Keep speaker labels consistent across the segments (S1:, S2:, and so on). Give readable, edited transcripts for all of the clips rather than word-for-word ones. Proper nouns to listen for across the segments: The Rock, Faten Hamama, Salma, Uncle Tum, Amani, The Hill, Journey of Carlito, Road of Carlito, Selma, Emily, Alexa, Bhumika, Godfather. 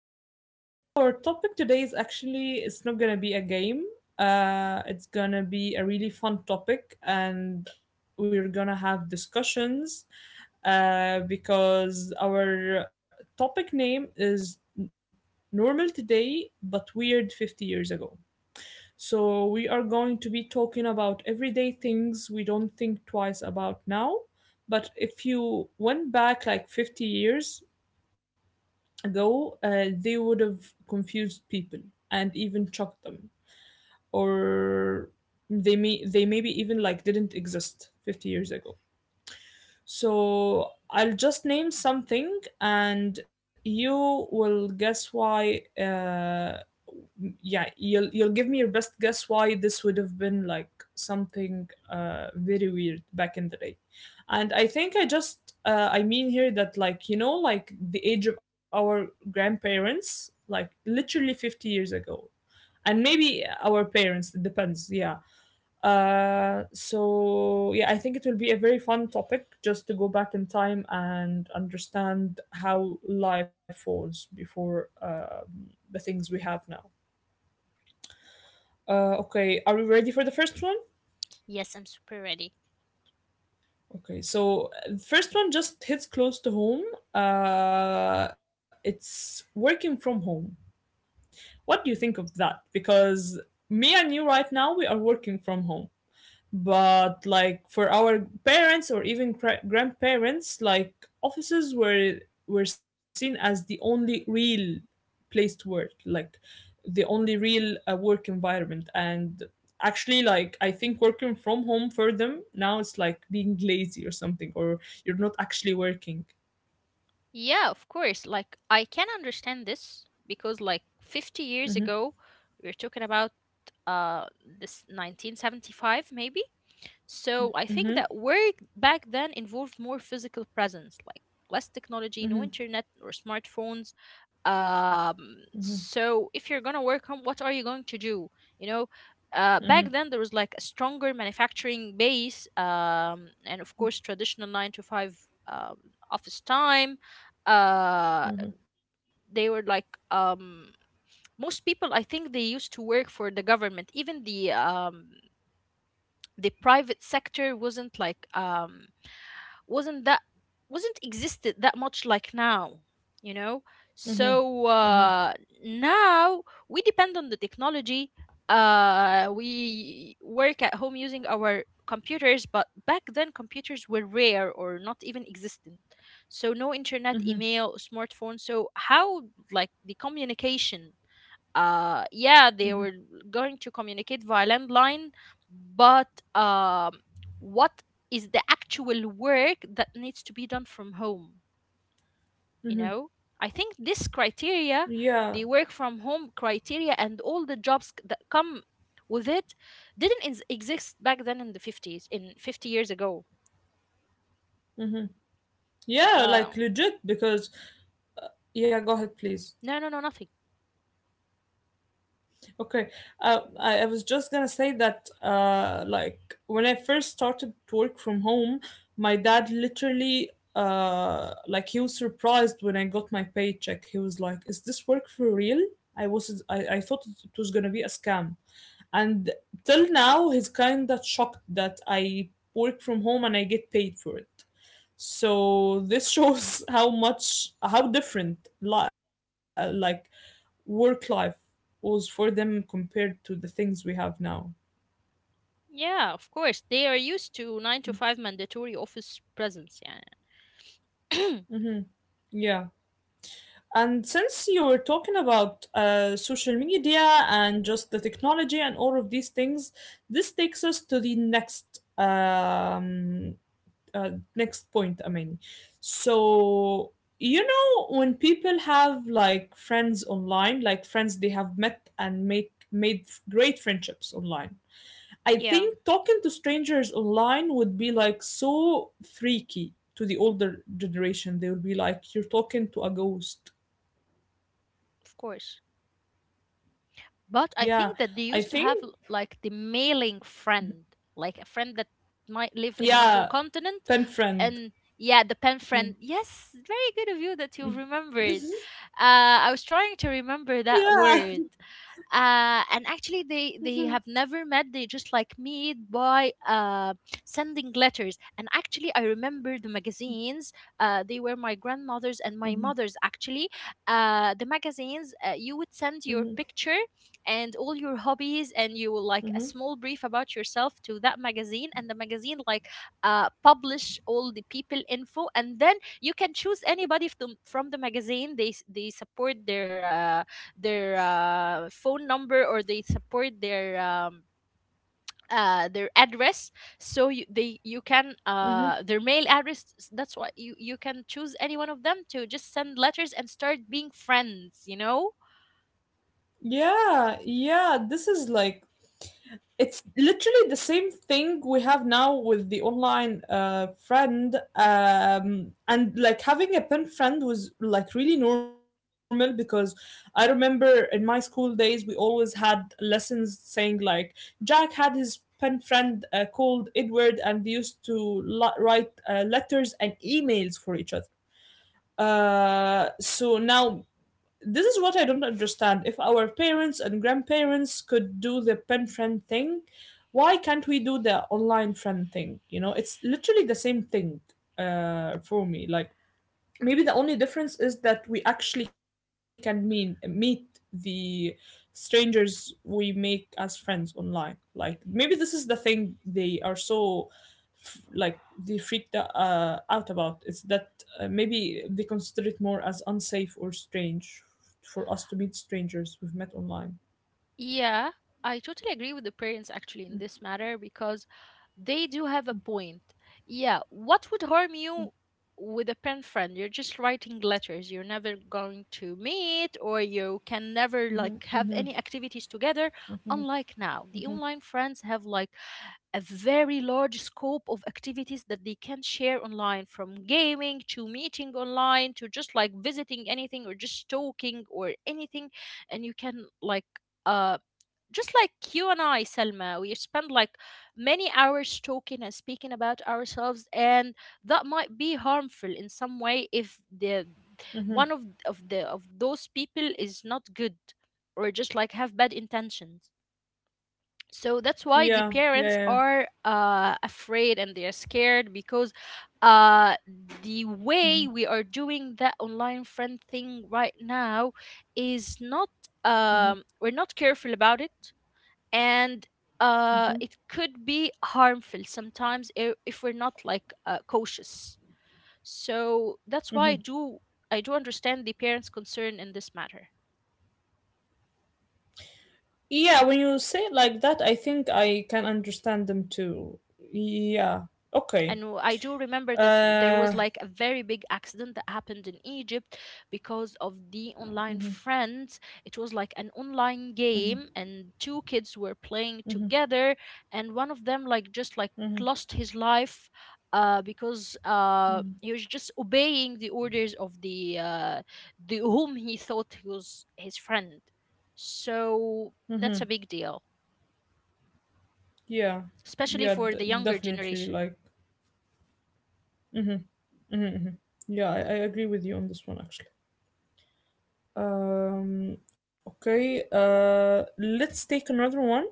S1: So, Amani, our topic today is actually it's not gonna be a game. It's gonna be a really fun topic, and we're gonna have discussions. Because our topic name is normal today but weird 50 years ago. So we are going to be talking about everyday things we don't think twice about now. But if you went back like 50 years ago, they would have confused people and even shocked them, or they maybe even like didn't exist 50 years ago. So I'll just name something and you will guess why, yeah, you'll give me your best guess why this would have been like something, very weird back in the day. And I think I mean here that like, like the age of our grandparents, like literally 50 years ago, and maybe our parents, it depends, yeah. So yeah, I think it will be a very fun topic just to go back in time and understand how life was before, the things we have now. Okay, are we ready for the first one?
S2: Yes, I'm super ready.
S1: Okay, so the first one just hits close to home. It's working from home. What do you think of that? Because me and you right now, we are working from home. But like for our parents or even grandparents, like offices were seen as the only real place to work, like the only real work environment. And actually, like, I think working from home for them now, it's like being lazy or something, or you're not actually working.
S2: Yeah, of course. Like I can understand this because like 50 years ago, we are talking about uh this 1975 maybe. So I think that work back then involved more physical presence, like less technology, no internet or smartphones. So if you're gonna work home, what are you going to do? You know, back then there was like a stronger manufacturing base, and of course traditional 9 to 5 um, office time. Uh, they were like most people. I think they used to work for the government. Even the private sector wasn't that wasn't existed that much like now. You know so now we depend on the technology. We work at home using our computers, but back then computers were rare or not even existent. So no internet, email, smartphone. So how, like, the communication, yeah, they were going to communicate via landline. But um what is the actual work that needs to be done from home you know I think this criteria,
S1: Yeah,
S2: the work from home criteria, and all the jobs that come with it, didn't exist back then in the 50s, in 50 years ago.
S1: yeah, like
S2: um
S1: legit, because yeah, go ahead, please.
S2: no no, no. Nothing.
S1: Okay. I was just gonna say that, like, when I first started to work from home, my dad literally, like, he was surprised when I got my paycheck. He was like, "Is this work for real?" I thought it was gonna be a scam, and till now, he's kinda shocked that I work from home and I get paid for it. So this shows how much, like, work life was for them compared to the things we have now.
S2: Yeah, of course, they are used to 9 to 5 mandatory office presence. Yeah.
S1: Hmm. Yeah. And since you were talking about, social media and just the technology and all of these things, this takes us to the next next point, Amani. So, when people have like friends online, like friends they have met and make made great friendships online. I
S2: Yeah,
S1: think talking to strangers online would be like so freaky to the older generation. They would be like, you're talking to a ghost.
S2: of course. But I
S1: Yeah,
S2: think that they
S1: I
S2: used to have
S1: think.
S2: like the mailing friend, like a friend that might live in another
S1: Yeah,
S2: continent.
S1: pen friend.
S2: And yeah, the pen
S1: Yeah.
S2: friend. Yes, very good of you that you remembered. I was trying to remember that
S1: Yeah.
S2: word. And actually, they have
S1: Mhm,
S2: never met. They just like meet by sending letters. And actually, I remember the magazines. They were my grandmother's and my mother's,
S1: mhm,
S2: actually, the magazines. You would send
S1: mhm,
S2: your picture and all your hobbies, and you will like a
S1: mhm,
S2: small brief about yourself to that magazine, and the magazine, like, publish all the people info, and then you can choose anybody from the magazine. They support their phone number, or they support their address. So you can,
S1: mhm.
S2: their mail address, that's why you can choose any one of them to just send letters and start being friends.
S1: Yeah, yeah. This is like It's literally the same thing we have now with the online, friend, and like having a pen friend was like really normal, because I remember in my school days we always had lessons saying like Jack had his pen friend, called Edward, and they used to write letters and emails for each other. So now, this is what I don't understand. If our parents and grandparents could do the pen friend thing, why can't we do the online friend thing? It's literally the same thing, for me. Like, maybe the only difference is that we actually can meet the strangers we make as friends online. Like, maybe this is the thing they are so like, they freaked out about. It's that, maybe they consider it more as unsafe or strange for us to meet strangers we've met online.
S2: Yeah, I totally agree with the parents, actually, in this matter because they do have a point. Yeah, what would harm you with a pen friend? You're just writing letters. You're never going to meet, or you can never
S1: Hmm,
S2: like have
S1: hmm,
S2: any activities together, unlike now. The
S1: hmm,
S2: online friends have like a very large scope of activities that they can share online, from gaming to meeting online to just like visiting anything or just talking or anything. And you can like, uh just like, you and I, Selma, we spend like many hours talking and speaking about ourselves, and that might be harmful in some way if the
S1: hmm.
S2: one of the of those people is not good, or just like have bad intentions. So that's why the
S1: Yeah,
S2: parents
S1: yeah, yeah.
S2: are afraid, and they are scared, because uh, the way
S1: Hmm,
S2: we are doing that online friend thing right now is not we're not careful about it, and
S1: hmm,
S2: it could be harmful sometimes, if we're not, like, cautious. So that's why I
S1: hmm.
S2: do I do understand the parents' concern in this matter.
S1: Yeah, when you say it like that, I think I can understand them too. Yeah.
S2: And
S1: Okay.
S2: I do remember that there was
S1: Uh.
S2: like a very big accident that happened in Egypt because of the online friends. It was like an online game, and two kids were playing together, and one of them, like, just like
S1: Mm-hmm.
S2: lost his life, because he was just obeying the orders of the whom he thought he was his friend. So that's a
S1: Hmm.
S2: big deal,
S1: Yeah.
S2: especially
S1: Yeah.
S2: for the younger
S1: Definitely.
S2: generation.
S1: Like. Mm-hmm. Hmm. Yeah, I agree with you on this one. Actually. Okay. Let's take another one.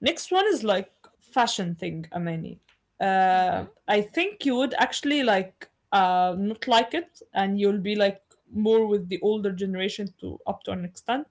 S1: Next one is like fashion thing, Amani.
S2: Hmm.
S1: I think you would actually like, not like it, and you'll be like more with the older generation, to up to an extent.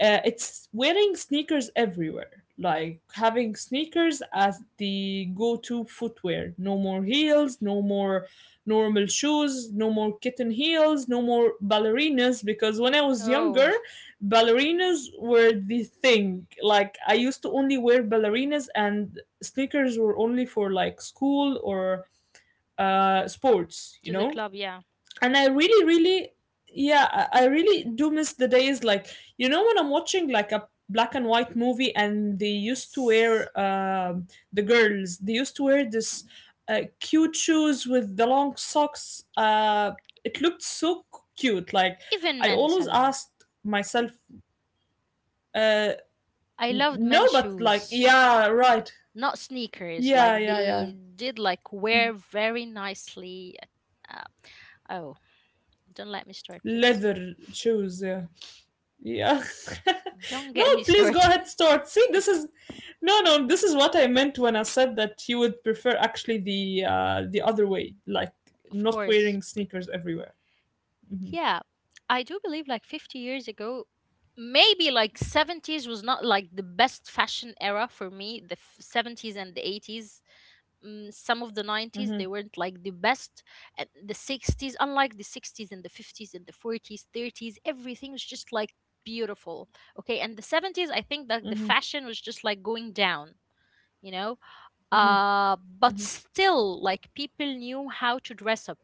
S1: It's wearing sneakers everywhere. Like having sneakers as the go-to footwear. No more heels. No more normal shoes, no more kitten heels, no more ballerinas. Because when I was
S2: Oh,
S1: younger, ballerinas were the thing. Like, I used to only wear ballerinas, and sneakers were only for like school or, sports, you
S2: to the
S1: know?
S2: club, yeah.
S1: And I really, really, yeah, I really do miss the days. Like, when I'm watching like a black and white movie and they used to wear,
S2: Yes.
S1: the girls they used to wear this, cute shoes with the long socks. It looked so cute. Like,
S2: Even
S1: I
S2: men,
S1: always
S2: Salma.
S1: asked myself, uh,
S2: I loved
S1: no,
S2: men's
S1: but like,
S2: shoes,
S1: yeah, right,
S2: not sneakers.
S1: yeah,
S2: Like
S1: yeah, yeah,
S2: they did, like, wear very nicely. Uh, oh, don't let me start, please.
S1: leather shoes, yeah. Yeah.
S2: Don't
S1: No,
S2: get me
S1: please go
S2: started.
S1: ahead, start. See, this is No, no. This is what I meant when I said that you would prefer actually the other way, like
S2: Of
S1: not
S2: course.
S1: wearing sneakers everywhere. Hmm,
S2: Yeah, I do believe like 50 years ago, maybe like 70s was not like the best fashion era for me. The 70s and the 80s, some of the 90s they
S1: hmm,
S2: weren't like the best, and the 60s, unlike the 60s and the 50s and the 40s, 30s, everything was just like beautiful. Okay, and the 70s, I think that the
S1: hmm,
S2: fashion was just like going down you know
S1: hmm,
S2: uh, but still, like, people knew how to dress up,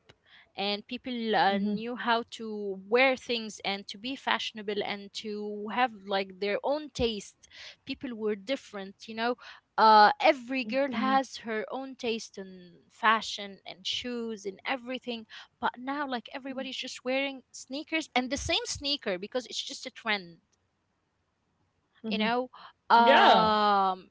S2: and people knew
S1: hmm.
S2: how to wear things and to be fashionable and to have like their own taste. People were different. Every girl has her own taste in fashion and shoes and everything. But now, like, everybody's just wearing sneakers and the same sneaker because it's just a trend you know
S1: Yeah,
S2: um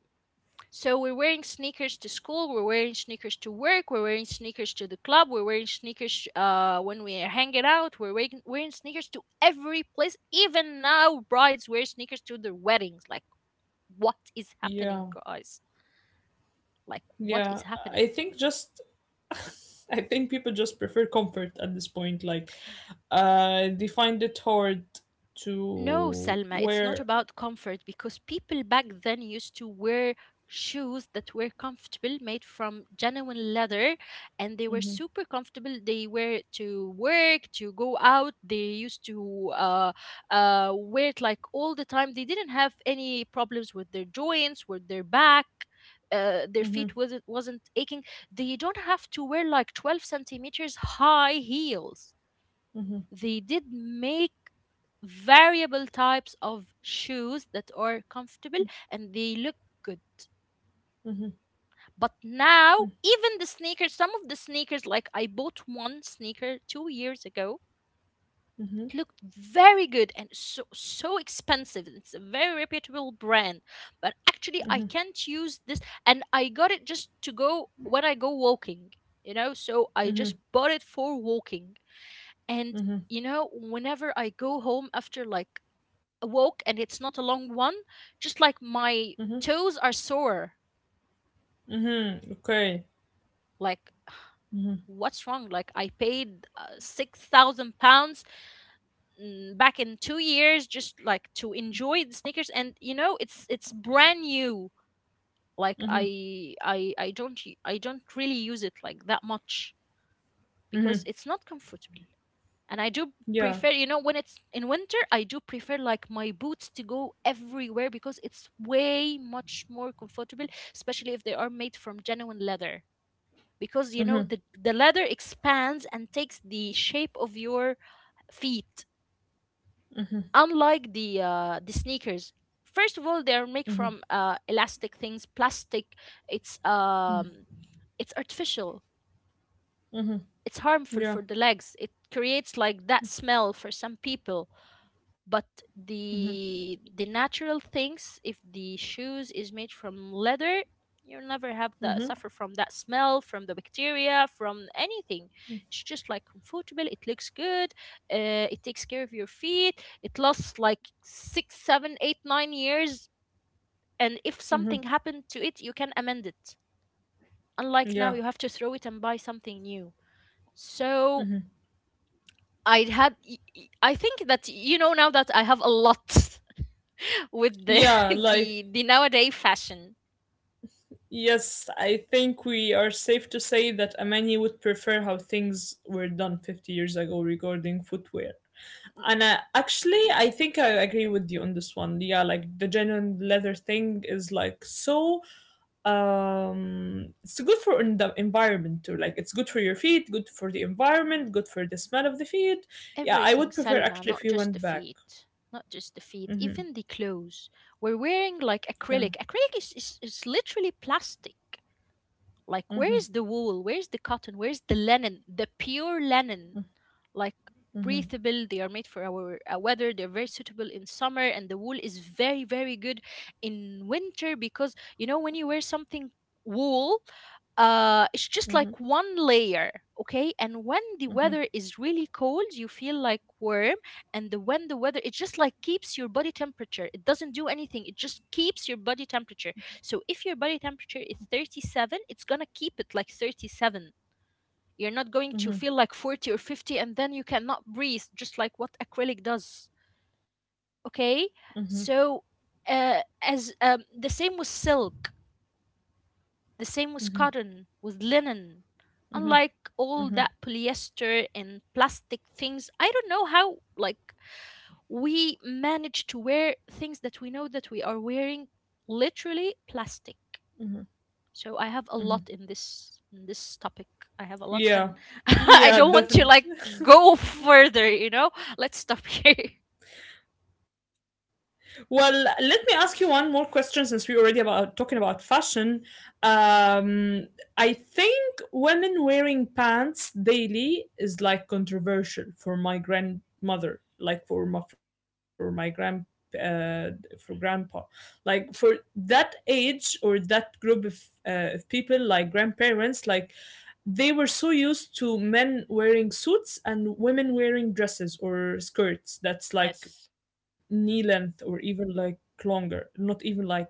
S2: so we're wearing sneakers to school, we're wearing sneakers to work, we're wearing sneakers to the club, we're wearing sneakers when we are hanging out, we're wearing sneakers to every place. Even now, brides wear sneakers to their weddings. Like, what is
S1: yeah,
S2: happening, guys? Like, what
S1: yeah.
S2: is
S1: I
S2: happening?
S1: think just. I think people just prefer comfort at this point. Like, they find it hard
S2: No, Selma,
S1: to
S2: it's not
S1: wear.
S2: about comfort, because people back then used to wear shoes that were comfortable, made from genuine leather, and they were super
S1: Hmm,
S2: comfortable. They were to work, to go out. They used to wear it like all the time. They didn't have any problems with their joints, with their back. Their feet wasn't
S1: hmm,
S2: wasn't aching. They don't have to wear like 12 centimeters high heels. They
S1: hmm,
S2: did make variable types of shoes that are comfortable, and they look good. But now, even the sneakers, some of the sneakers, like I bought one sneaker 2 years ago, it looked
S1: hmm,
S2: very good and so, so expensive. It's a very reputable brand, but actually I can't
S1: hmm,
S2: use this, and I got it just to go when I go walking, you know. So I just bought
S1: hmm.
S2: it for walking, and
S1: Mm-hmm.
S2: whenever I go home after like a walk, and it's not a long one, just like my
S1: Mm-hmm.
S2: toes are sore.
S1: Mm-hmm. Okay.
S2: Like, what's wrong? Like, I paid 6,000 pounds, back in 2 years, just like to enjoy the sneakers. And, it's brand new. Like,
S1: Mm-hmm.
S2: I don't really use it like that much because it's
S1: Mm-hmm.
S2: not comfortable. And I do prefer,
S1: Yeah.
S2: when it's in winter, I do prefer like my boots to go everywhere because it's way much more comfortable, especially if they are made from genuine leather. Because you know, the leather expands and takes the shape of your feet, unlike the sneakers. First of all, they are made from elastic things, plastic. It's um it's artificial. It's harmful for
S1: Yeah.
S2: the legs. It creates like that smell for some people, but the natural things, if the shoes is made from leather, you'll never have the suffer from that smell, from the bacteria, from anything. It's just like comfortable, it looks good. It takes care of your feet. It lasts like 6, 7, 8, 9 years, and if something happened to it, you can amend it. Unlike now,
S1: Yeah.
S2: you have to throw it and buy something new. So I had I think that, now that I have a lot with the
S1: Yeah. Like,
S2: the nowadays fashion.
S1: yes, I think we are safe to say that Amani would prefer how things were done 50 years ago regarding footwear. And, actually, I think I agree with you on this one. Yeah, like the genuine leather thing is like so. It's good for the environment too. Like, it's good for your feet, good for the environment, good for the smell of the feet. Yeah, I
S2: Everything,
S1: would prefer
S2: Salma,
S1: actually if
S2: not
S1: you
S2: just the
S1: went back.
S2: feet, not just the feet,
S1: Mhm.
S2: even the clothes. We're wearing like
S1: Yeah.
S2: acrylic. Acrylic is literally plastic. Like, where
S1: Mhm.
S2: is the wool? Where's the cotton? Where's the linen? The pure linen. Like,
S1: Mhm.
S2: breathable, they are made for our weather. They're very suitable in summer, and the wool is very, very good in winter, because when you wear something wool, it's just like
S1: Mhm.
S2: one layer. Okay, and when the weather
S1: Mhm.
S2: is really cold, you feel like warm. And when the weather, it just like keeps your body temperature, it doesn't do anything, it just keeps your body temperature. So if your body temperature is 37, it's gonna keep it like 37, you're not going to feel
S1: Mhm.
S2: like 40 or 50, and then you cannot breathe, just like what acrylic does. Okay?
S1: Mhm.
S2: So, as the same with silk, the same with cotton, with linen. Unlike all that
S1: Mhm.
S2: polyester and plastic things, I don't know how, like, we manage to wear things that we know that we are wearing literally plastic. So I have a lot in
S1: Mhm.
S2: this topic. I have a lot, and
S1: Yeah.
S2: I don't want to
S1: Yeah,
S2: like
S1: definitely.
S2: go further, you know? Let's stop here.
S1: Well, let me ask you one more question, since we already about talking about fashion. Um, I think women wearing pants daily is like controversial for my grandmother, like uh, for grandpa. Like for that age or that group of people, like grandparents, like they were so used to men wearing suits and women wearing dresses or skirts that's like
S2: Yes.
S1: knee length, or even like longer, not even like,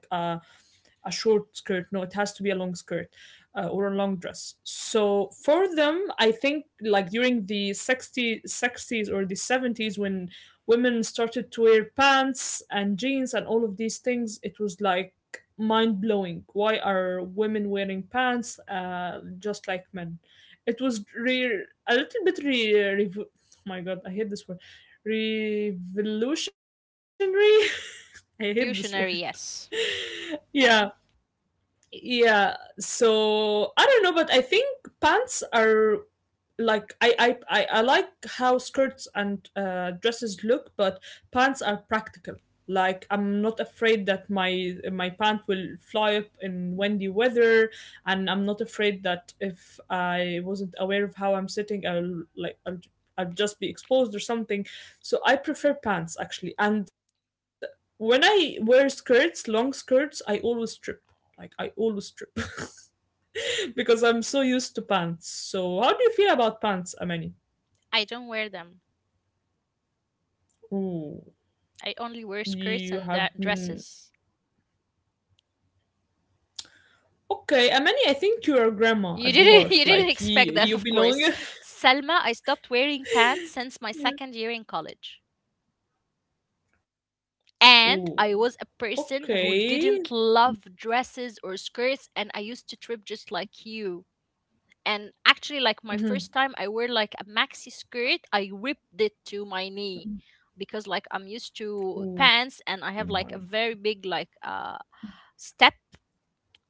S1: a short skirt. No, it has to be a long skirt, or a long dress. So for them, I think like during the 60, 60s or the 70s, when women started to wear pants and jeans and all of these things, it was like mind blowing. Why are women wearing pants, just like men? A little bit, oh my god, I hate this word. Revolutionary. I hate this word.
S2: Revolutionary, yes.
S1: Yeah. Yeah, so I don't know, but I think pants are like, I like how skirts and, dresses look, but pants are practical. Like, I'm not afraid that my pant will fly up in windy weather, and I'm not afraid that if I wasn't aware of how I'm sitting, I'll just be exposed or something. So I prefer pants, actually. And when I wear skirts, long skirts, I always strip. Like, I always strip because I'm so used to pants. So how do you feel about pants, Amani?
S2: I don't wear them.
S1: Ooh,
S2: I only wear skirts
S1: you
S2: and
S1: have,
S2: dresses.
S1: okay, Amani. I think you're a grandma
S2: You
S1: at the
S2: didn't you
S1: heart.
S2: didn't
S1: Like,
S2: expect that,
S1: you
S2: of
S1: belong.
S2: course. Selma, I stopped wearing pants since my
S1: Yeah.
S2: second year in college.
S1: Ooh,
S2: And I was a
S1: okay.
S2: person who didn't love dresses or skirts, and I used to trip just like you. And actually, like my
S1: Mm-hmm.
S2: first time I wear like a maxi skirt, I ripped it to my knee because like I'm used to
S1: Ooh,
S2: pants
S1: my.
S2: and I have like a very big like step.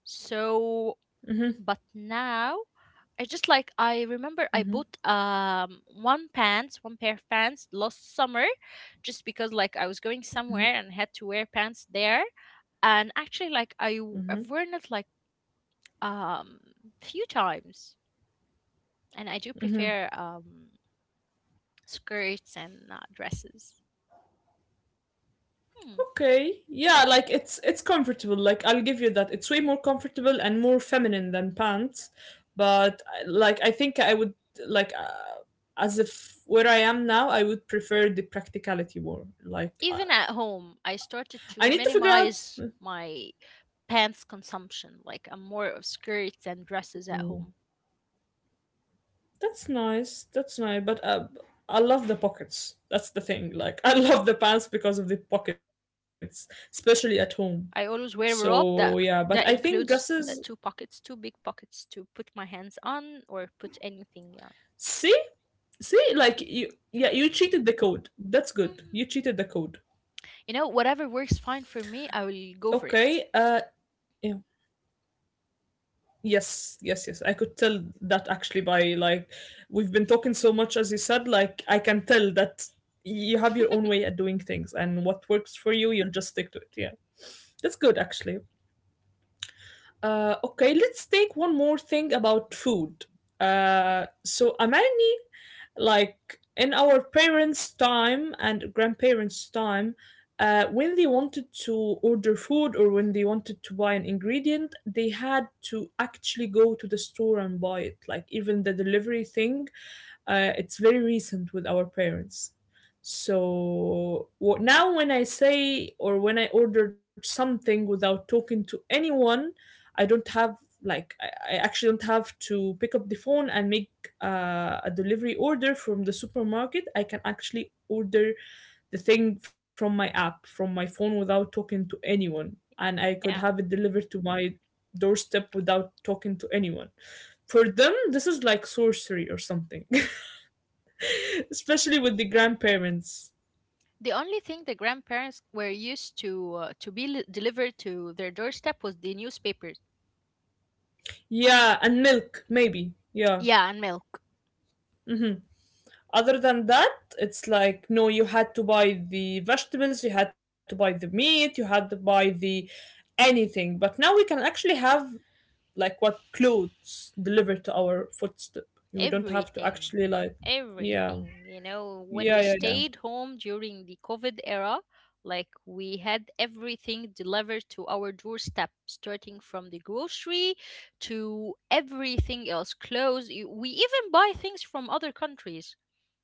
S2: So
S1: Mm-hmm.
S2: but now, I just like, I remember I
S1: Mm-hmm.
S2: bought one pair of pants last summer just because like I was going
S1: Mm-hmm.
S2: somewhere and had to wear pants there. And actually like
S1: Mm-hmm.
S2: I've worn it like um few times, and I do
S1: Mm-hmm.
S2: prefer skirts and dresses. Hmm.
S1: Okay. Yeah, like it's comfortable. Like, I'll give you that. It's way more comfortable and more feminine than pants. But like, I think I would like, as if where I am now, I would prefer the practicality more.
S2: Even at
S1: Like,
S2: home, I started
S1: I
S2: to
S1: need to figure
S2: minimize my pants consumption. Like I'm more of skirts and dresses at home.
S1: out. That's nice. That's nice. But, I love the pockets. That's the thing. Like I love the pants because of the pockets, especially at home.
S2: I always wear
S1: So
S2: a
S1: yeah,
S2: robe
S1: but I
S2: that
S1: think dresses.
S2: includes two pockets, two big pockets to put my hands
S1: See,
S2: on or put
S1: see, like
S2: anything
S1: you,
S2: on.
S1: yeah, you cheated the code. That's good. You cheated the code.
S2: Hmm. You know, whatever works
S1: Okay.
S2: fine for me, I will
S1: Yeah.
S2: go for it.
S1: Yes, yes, yes. I could tell that actually by, like, we've been talking so much, as you said. Like, I can tell that you have your own way at doing things, and what works for you'll just stick to it. Yeah, that's good, actually. Okay, let's take one more thing about food. Amani, like, in our parents' time and grandparents' time, when they wanted to order food or when they wanted to buy an ingredient, they had to actually go to the store and buy it. Like even the delivery thing, it's very recent with our parents. So now, when I say or when I ordered something without talking to anyone, I don't have, like I actually don't have to pick up the phone and make a delivery order from the supermarket. I can actually order the thing from my app, from my phone without talking to anyone. And I could have
S2: Yeah.
S1: it delivered to my doorstep without talking to anyone. For them, this is like sorcery or something, especially with the grandparents.
S2: The only thing the grandparents were used to be delivered to their doorstep was the newspapers.
S1: Yeah, and milk, maybe. Yeah.
S2: Yeah, and milk.
S1: Mm-hmm. Other than that, it's like, no, you had to buy the vegetables, you had to buy the meat, you had to buy the anything. But now we can actually have, like, what, clothes delivered to our footstep. We don't have to
S2: Everything.
S1: actually, like. Yeah.
S2: Everything. You know, when
S1: Yeah,
S2: we
S1: yeah, yeah.
S2: stayed home during the COVID era, like we had everything delivered to our doorstep, starting from the grocery to everything else, clothes. We even buy things from other countries,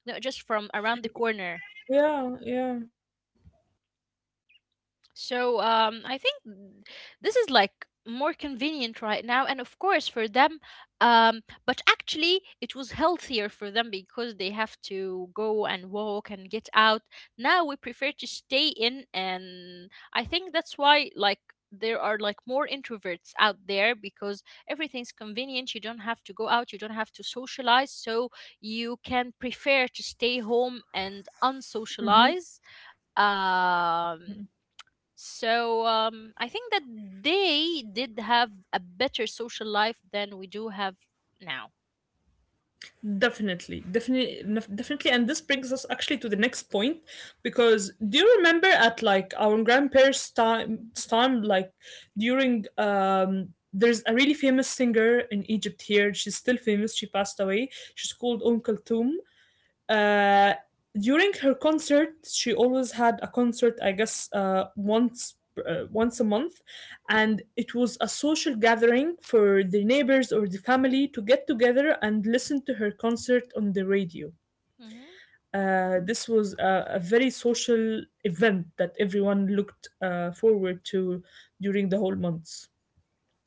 S2: not just from around the corner.
S1: Yeah, yeah.
S2: So I think this is like more convenient right now, and of course for them. But actually, it was healthier for them because they have to go and walk and get out. Now we prefer to stay in, and I think that's why like there are like more introverts out there because everything's convenient. You don't have to go out. You don't have to socialize, so you can prefer to stay home and
S1: Hmm.
S2: unsocialize. um so I think that they did have a better social life than we do have now.
S1: Definitely. Definitely, and this brings us actually to the next point, because do you remember, at like our grandparents' time, like, during there's a really famous singer in Egypt here. She's still famous. She passed away. She's called Uncle Tum. Uh, During her concert, she always had a concert, I guess, once a month, and it was a social gathering for the neighbors or the family to get together and listen to her concert on the radio.
S2: Hmm.
S1: This was a very social event that everyone looked forward to during the whole months,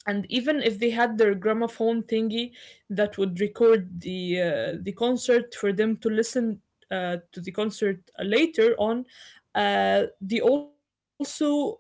S1: and even if they had their gramophone thingy that would record the concert for them to listen to the concert later on, they also, like,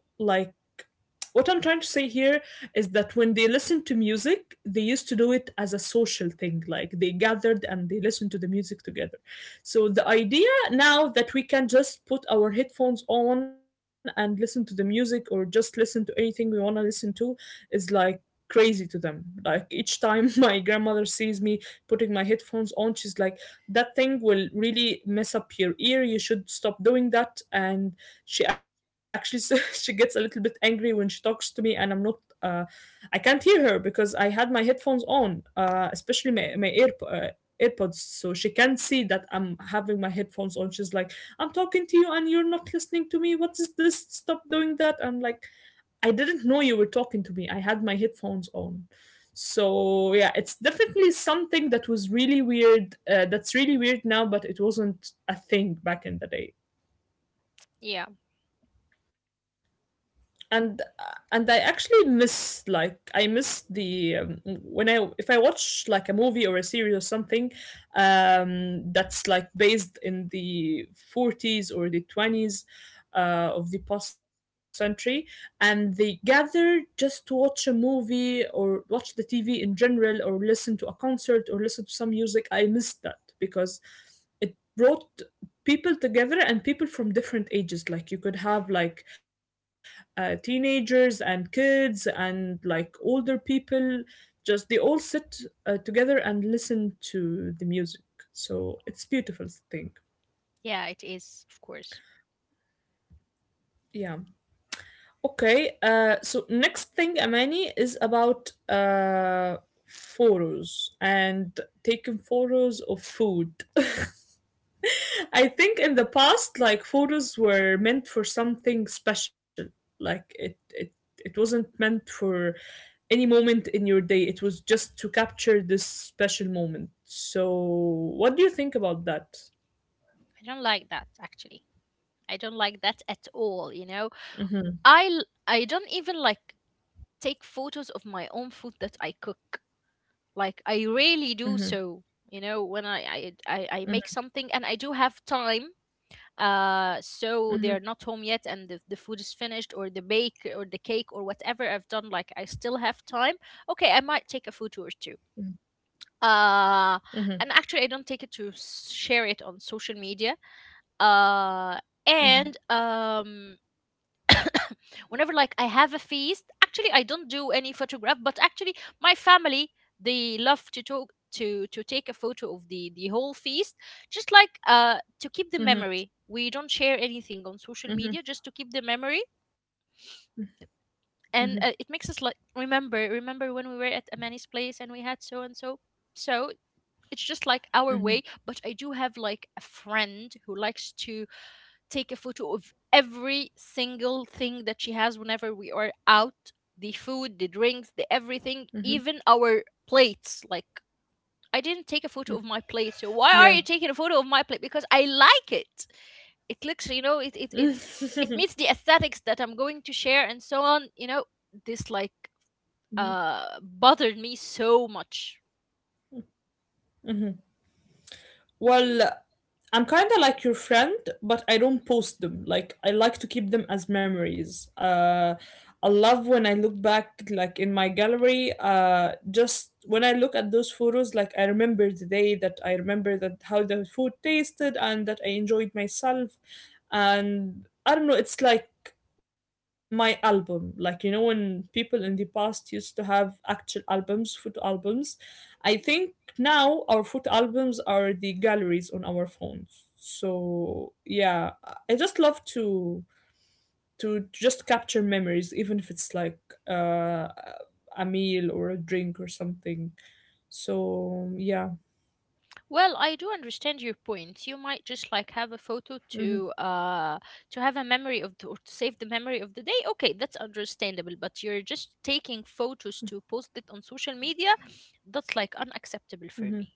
S1: what I'm trying to say here is that when they listen to music they used to do it as a social thing, like they gathered and they listened to the music together. So the idea now that we can just put our headphones on and listen to the music or just listen to anything we want to listen to is like crazy to them. Like each time my grandmother sees me putting my headphones on, she's like, "That thing will really mess up your ear. You should stop doing that." And she actually she gets a little bit angry when she talks to me, and I'm not. Uh, I can't hear her because I had my headphones on, especially my ear. AirPods, so she can see that I'm having my headphones on. She's like, I'm talking to you and you're not listening to me. What is this? Stop doing that. I'm like, I didn't know you were talking to me. I had my headphones on. So yeah, it's definitely something that was really weird. That's really weird now, but it wasn't a thing back in the day.
S2: Yeah,
S1: And I actually miss, like, I miss the, when I, if I watch like a movie or a series or something that's like based in the 40s or the 20s of the past century, and they gather just to watch a movie or watch the TV in general or listen to a concert or listen to some music. I miss that because it brought people together, and people from different ages, like you could have, like, teenagers and kids and like older people, just they all sit together and listen to the music. So it's beautiful thing.
S2: yeah, it is, of course.
S1: Yeah. Okay, next thing, Amani, is about photos and taking photos of food. I think in the past, like photos were meant for something special. Like it wasn't meant for any moment in your day. It was just to capture this special moment. So, what do you think about that?
S2: I don't like that, actually. I don't like that at all. You know, I don't even like take photos of my own food that I cook. Like I really do
S1: Mhm.
S2: so. You know, when I make something and I do have time, so
S1: Mhm.
S2: they're not home yet, and the food is finished or the bake or the cake or whatever I've done, like I still have time, okay, I might take a photo or two. uh
S1: Mhm.
S2: and actually, I don't take it to share it on social media. uh
S1: Mhm.
S2: and Whenever like I have a feast, actually I don't do any photograph, but actually my family, they love to talk to take a photo of the whole feast, just like to keep the
S1: Mhm.
S2: memory. We don't share anything on social
S1: Mhm.
S2: media, just to keep the memory,
S1: Mhm.
S2: and it makes us like remember when we were at Amani's place and we had so and so. So it's just like our
S1: Mhm.
S2: way, but I do have like a friend who likes to take a photo of every single thing that she has whenever we are out: the food, the drinks, the everything, even our plates. Like, I didn't take a photo of my plate. So why are you taking a photo of my plate? Because I like it. It looks, you know, it, it,
S1: Yeah.
S2: it, it meets the aesthetics that I'm going to share and so on. You know, this like bothered me so much.
S1: Well, I'm kind of like your friend, but I don't post them. Like I like to keep them as memories. I love when I look back, like in my gallery. Just when I look at those photos, like I remember the day that I remember that how the food tasted and that I enjoyed myself, and I don't know. It's like my album. Like, you know, when people in the past used to have actual albums, food albums, I think now our photo albums are the galleries on our phones. So yeah, I just love to just capture memories, even if it's like uh, a meal or a drink or something. So yeah.
S2: Well, I do understand your point. You might just like have a photo
S1: Hmm.
S2: to have a memory of the, or to save the memory of the day. Okay, that's understandable, but you're just taking photos to post it on social media. That's like unacceptable for
S1: Hmm.
S2: me.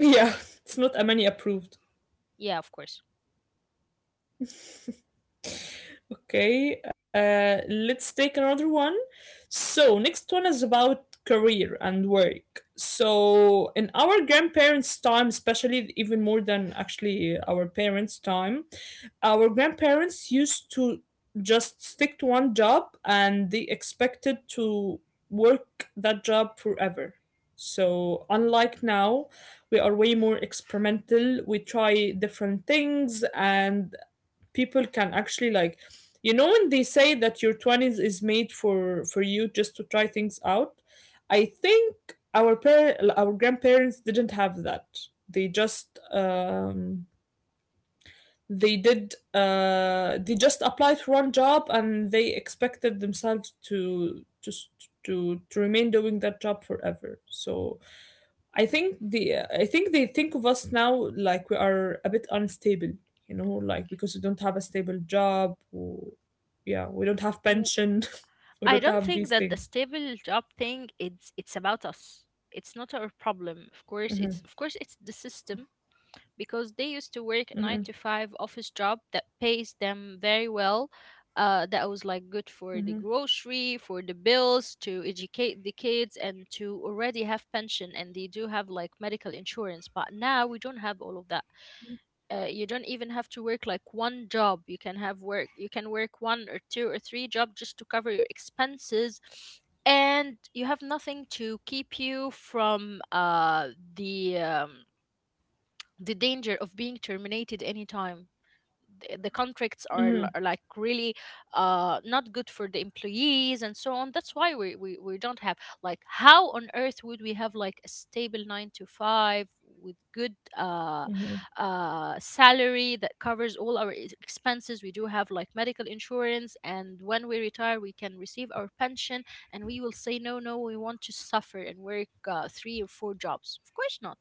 S1: Yeah, it's not a many approved.
S2: Yeah, of course.
S1: Okay, let's take another one. So, next one is about career and work. So, in our grandparents' time, especially even more than actually our parents' time, our grandparents used to just stick to one job and they expected to work that job forever. So, unlike now, we are way more experimental. We try different things, and people can actually, like, you know when they say that your 20s is made for you just to try things out, I think our grandparents didn't have that. They just they did they just applied for one job and they expected themselves to just to remain doing that job forever. So I think they think of us now, like we are a bit unstable, you know, like because we don't have a stable job, or, yeah, we don't have
S2: W-
S1: pension, we
S2: I
S1: don't
S2: don't
S1: have
S2: think
S1: these
S2: that the
S1: things.
S2: stable job thing, it's about us. It's not our problem. Of course, it's,
S1: Hmm.
S2: of course, it's the system because they used to work a nine to
S1: Hmm.
S2: five office job that pays them very well. That was like good for the
S1: Hmm.
S2: grocery, for the bills, to educate the kids, and to already have pension, and they do have like medical insurance. But now we don't have all of that. You don't even have to work like one job. You can have work. You can work one or two or three jobs just to cover your expenses, and you have nothing to keep you from the um, the danger of being terminated anytime. The contracts are,
S1: Hmm.
S2: are like really not good for the employees, and so on. That's why we don't have, like, how on earth would we have like a stable 9 to 5 with good
S1: Hmm.
S2: salary that covers all our expenses? We do have like medical insurance, and when we retire we can receive our pension, and we will say, no, no, we want to suffer and work three or four jobs. Of course not.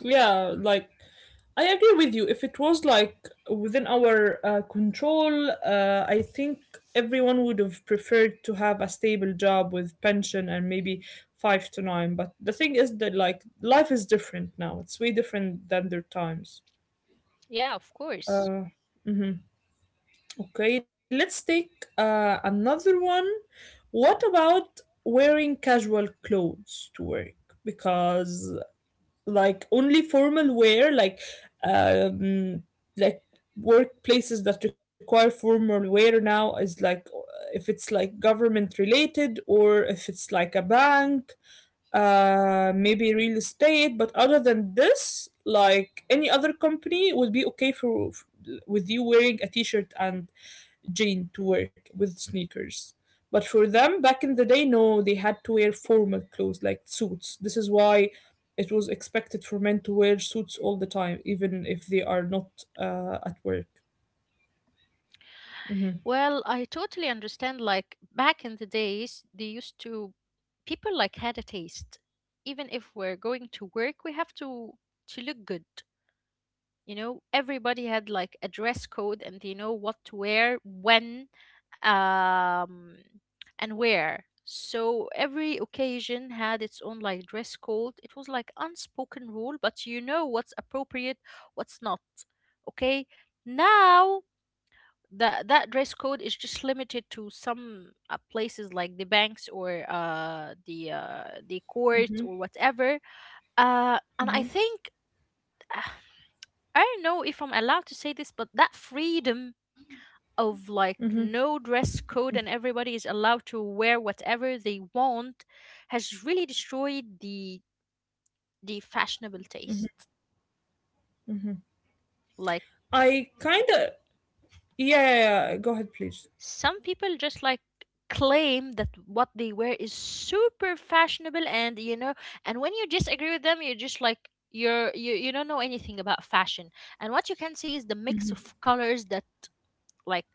S1: Yeah, like I agree with you. If it was like within our, control, I think everyone would have preferred to have a stable job with pension and maybe five to nine. But the thing is that like life is different now. It's way different than their times.
S2: Yeah, of course.
S1: Uh, mhm. Okay, let's take another one. What about wearing casual clothes to work? Because, like, only formal wear, um like workplaces that require formal wear now is like, if it's like government related or if it's like a bank, maybe real estate, but other than this, like any other company would be okay for, with you wearing a t-shirt and Jane to work with sneakers. But for them, back in the day, no, they had to wear formal clothes like suits. This is why it was expected for men to wear suits all the time, even if they are not at work. Hmm.
S2: Well, I totally understand. Like back in the days, they used to, people like had a taste. Even if we're going to work, we have to look good. You know, everybody had like a dress code and they know what to wear, when, um, and where. So every occasion had its own like dress code. It was like unspoken rule, but you know what's appropriate, what's not. Okay. Now that that dress code is just limited to some places like the banks or the courts
S1: Hmm.
S2: or whatever. And I
S1: Hmm.
S2: think uh, I don't know if I'm allowed to say this, but that freedom of
S1: Hmm.
S2: like no dress code and everybody is allowed to wear whatever they want has really destroyed the fashionable taste. Like.
S1: I kind of. Yeah, yeah, yeah, go ahead, please.
S2: Some people just like claim that what they wear is super fashionable, and you know, and when you disagree with them, you're just like, you don't know anything about fashion. And what you can see is the mix of colors that, like,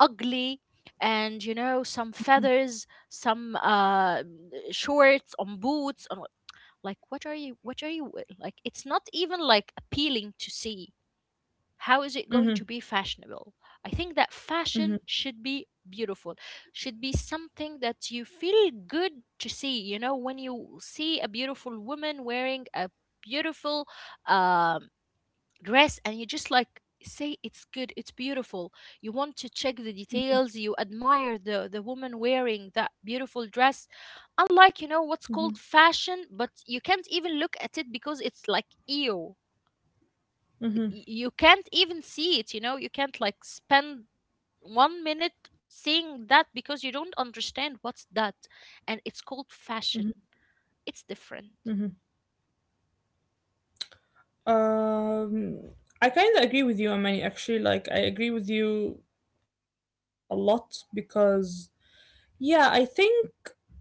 S2: ugly. And you know, some feathers, some shorts on boots on like, what are you, like, it's not even like appealing to see. How is it
S1: Mm-hmm,
S2: going
S1: mm-hmm,
S2: to be fashionable? I think that fashion should be beautiful, should be something that you feel good to see. You know, when you see a beautiful woman wearing a beautiful um, dress, and you just like say, it's good, it's beautiful, you want to check the details, you admire the woman wearing that beautiful dress. Unlike, you know, what's
S1: mm-hmm,
S2: called fashion, but you can't even look at it because it's like, ew,
S1: mm-hmm,
S2: you can't even see it. You know, you can't like spend 1 minute seeing that because you don't understand what's that, and it's called
S1: mm-hmm,
S2: fashion. It's different.
S1: mm-hmm. Um, I kind of agree with you, Amani, actually. Like, I agree with you a lot because, yeah, I think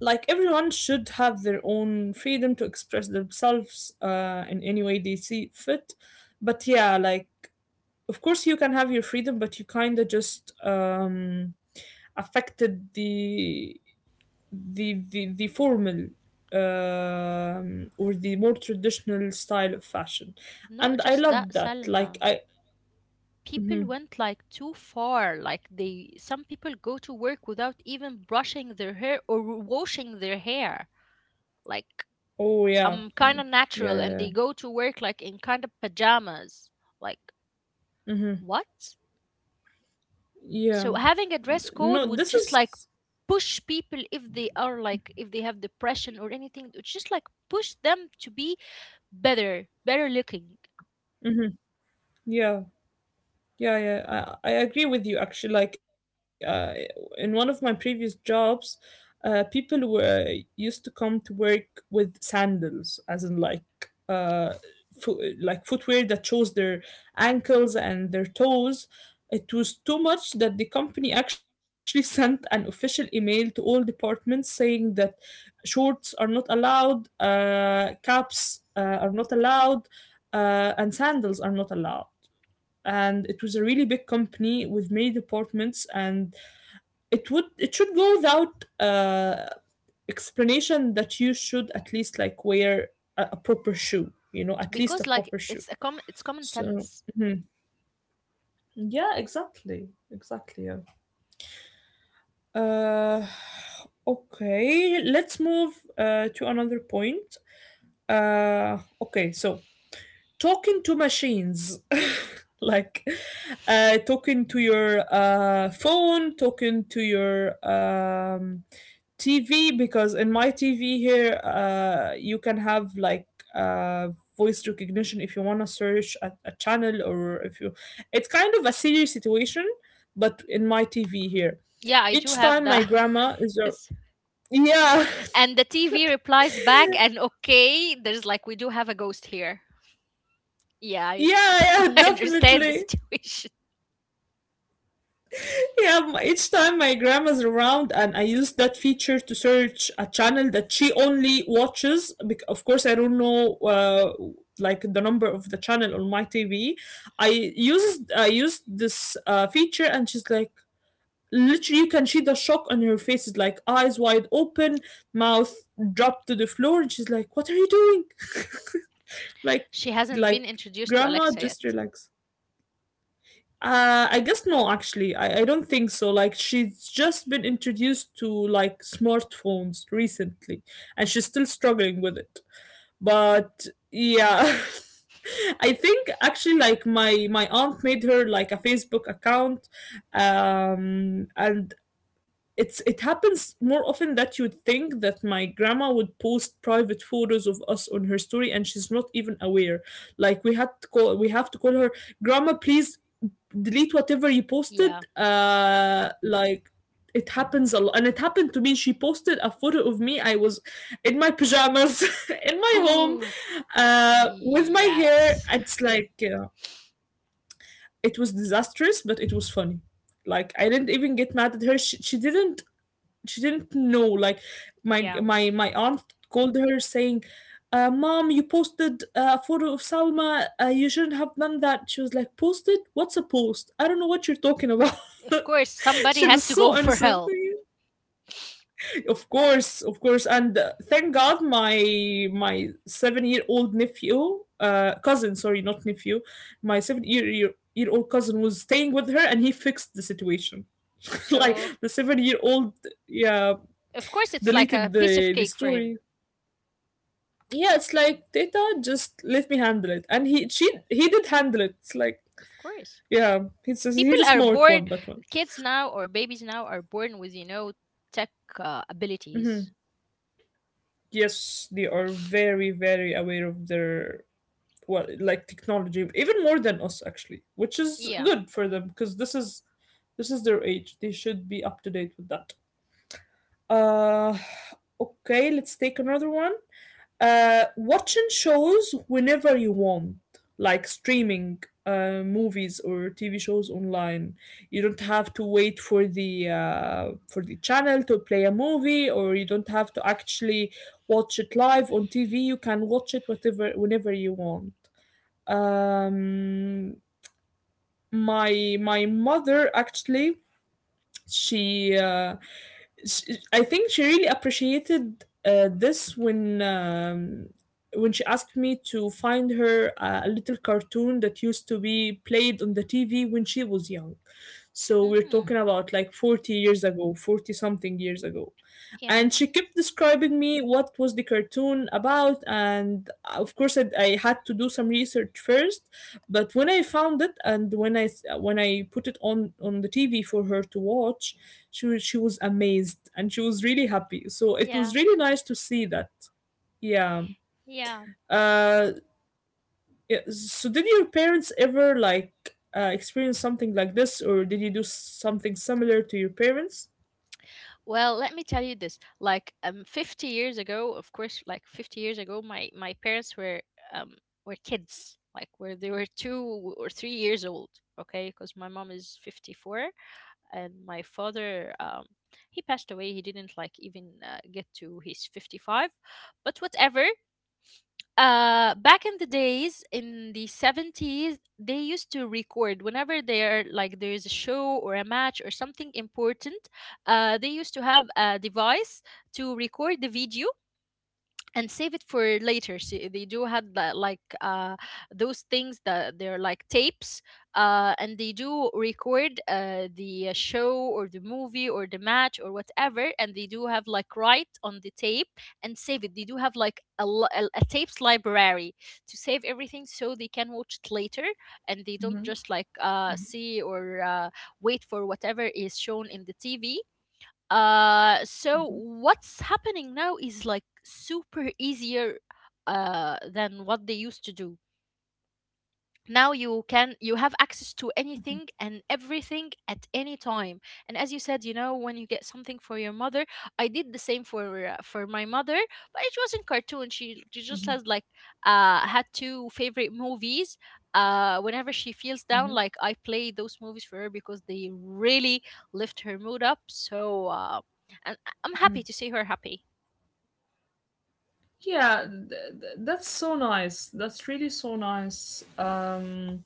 S1: like everyone should have their own freedom to express themselves in any way they see fit. But yeah, like of course you can have your freedom, but you kind of just, affected the formal, or the more traditional style of fashion,
S2: Not
S1: and I
S2: just that,
S1: loved that. Like
S2: salma
S1: I.
S2: people
S1: Mhm.
S2: went like too far. Like they, some people go to work without even brushing their hair or washing their hair. Like,
S1: Oh, yeah,
S2: I'm kind
S1: yeah,
S2: of
S1: yeah,
S2: natural, and
S1: yeah,
S2: they go to work like in kind of pajamas. Like,
S1: yeah. Hmm.
S2: what?
S1: Yeah.
S2: So having a dress
S1: No,
S2: code would
S1: this
S2: just like
S1: is.
S2: push people, if they are like, if they have depression or anything, it's just like push them to be better, better looking.
S1: Yeah. Yeah, yeah, I agree with you actually. Like, in one of my previous jobs, people were used to come to work with sandals, as in, like, uh, like footwear that shows their ankles and their toes. It was too much that the company actually sent an official email to all departments saying that shorts are not allowed, caps are not allowed, and sandals are not allowed, and it was a really big company with many departments, and it should go without explanation that you should at least like wear a proper shoe, you know, at least a
S2: Because like
S1: proper shoe.
S2: it's a com it's common
S1: So.
S2: sense.
S1: Mhm. Yeah, exactly, exactly. Yeah. uh okay, let's move to another point. Okay, so, talking to machines, like, talking to your phone, talking to your TV, because in my TV here, you can have, like, uh, voice recognition if you want to search a channel, or if you, it's kind of a serious situation, but in my TV here,
S2: Yeah, I do
S1: each
S2: have
S1: time my
S2: that.
S1: grandma is a. Yeah.
S2: And the TV replies back, and okay, there's like, we do have a ghost here. Yeah, I,
S1: Yeah, yeah,
S2: I understand the
S1: definitely.
S2: situation.
S1: Yeah, each time my grandma's around and I use that feature to search a channel that she only watches. Of course, I don't know, uh, like, the number of the channel on my TV. I I used this feature, and she's like, literally you can see the shock on her face, is like eyes wide open, mouth dropped to the floor, and she's like, "What are you doing?" Like,
S2: She hasn't been
S1: like
S2: introduced to
S1: grandma,
S2: Alexa
S1: just
S2: yet.
S1: relax. I guess no, actually. I don't think so. Like, she's just been introduced to like smartphones recently, and she's still struggling with it. But yeah, I think actually like my aunt made her like a Facebook account, and it happens more often that you'd think that my grandma would post private photos of us on her story, and she's not even aware. Like we have to call her grandma, please delete whatever you posted
S2: Yeah.
S1: uh like It happens a lot, and it happened to me. She posted a photo of me. I was in my pajamas in my home with my hair.
S2: Yes.
S1: It's like it was disastrous, but it was funny. Like I didn't even get mad at her. She, she didn't she didn't know. Like my
S2: Yeah.
S1: my my aunt called her saying, "Mom, you posted a photo of Salma. You shouldn't have done that." She was like, "Posted? What's a post? I don't know what you're talking about."
S2: Of course, somebody
S1: She was
S2: has to go
S1: so
S2: for
S1: innocent.
S2: help.
S1: Of course, of course. And thank God my 7 year old nephew cousin sorry not nephew my seven-year, year year old cousin was staying with her, and he fixed the situation. Like
S2: So,
S1: the 7 year old, yeah,
S2: of course, it's like a
S1: deleted
S2: piece of
S1: the
S2: cake for him.
S1: story. Yeah, it's like Data, just let me handle it. And he did handle it. It's like
S2: Of course.
S1: yeah,
S2: People
S1: he's a
S2: are
S1: smart
S2: born,
S1: one. That one.
S2: kids now or babies now are born with, you know, tech
S1: Hmm.
S2: abilities.
S1: Yes, they are very very aware of their well like technology, even more than us actually, which is
S2: Yeah.
S1: good for them because this is their age. They should be up to date with that. Uh, okay, let's take another one. Watching shows whenever you want, like streaming movies or TV shows online. You don't have to wait for the channel to play a movie, or you don't have to actually watch it live on TV. You can watch it whatever whenever you want. Um, my mother actually she, uh, she I think she really appreciated this when she asked me to find her a little cartoon that used to be played on the TV when she was young. So we're talking
S2: Hmm.
S1: about like 40 years ago, 40 something years ago.
S2: Yeah.
S1: And she kept describing me what was the cartoon about, and of course I had to do some research first. But when I found it, and when I when I put it on the TV for her to watch, she was amazed and she was really happy, so it
S2: Yeah.
S1: was really nice to see that. Yeah.
S2: Yeah.
S1: Uh, yeah, so did your parents ever like experience something like this, or did you do something similar to your parents?
S2: Well, let me tell you this. Like 50 years ago, of course, like 50 years ago, my parents um were kids, like where they were 2 or 3 years old, okay? Because my mom is 54, and my father he passed away. He didn't like even get to his 55. But whatever, back in the days in the 70s, they used to record whenever there like there's a show or a match or something important. They used to have a device to record the video and save it for later. See, they do had like those things that they're like tapes, and they do record the show or the movie or the match or whatever, and they do have like write on the tape and save it. They do have like a tapes library to save everything so they can watch it later, and they don't just like see or wait for whatever is shown in the TV. So what's happening now is like super easier than what they used to do. Now you have access to anything and everything at any time. And as you said, you know, when you get something for your mother, I did the same for my mother, but it wasn't cartoon. She just has like had two favorite movies. Whenever she feels down, like I play those movies for her because they really lift her mood up. So I'm happy to see her happy.
S1: Yeah, that's so nice. That's really so nice.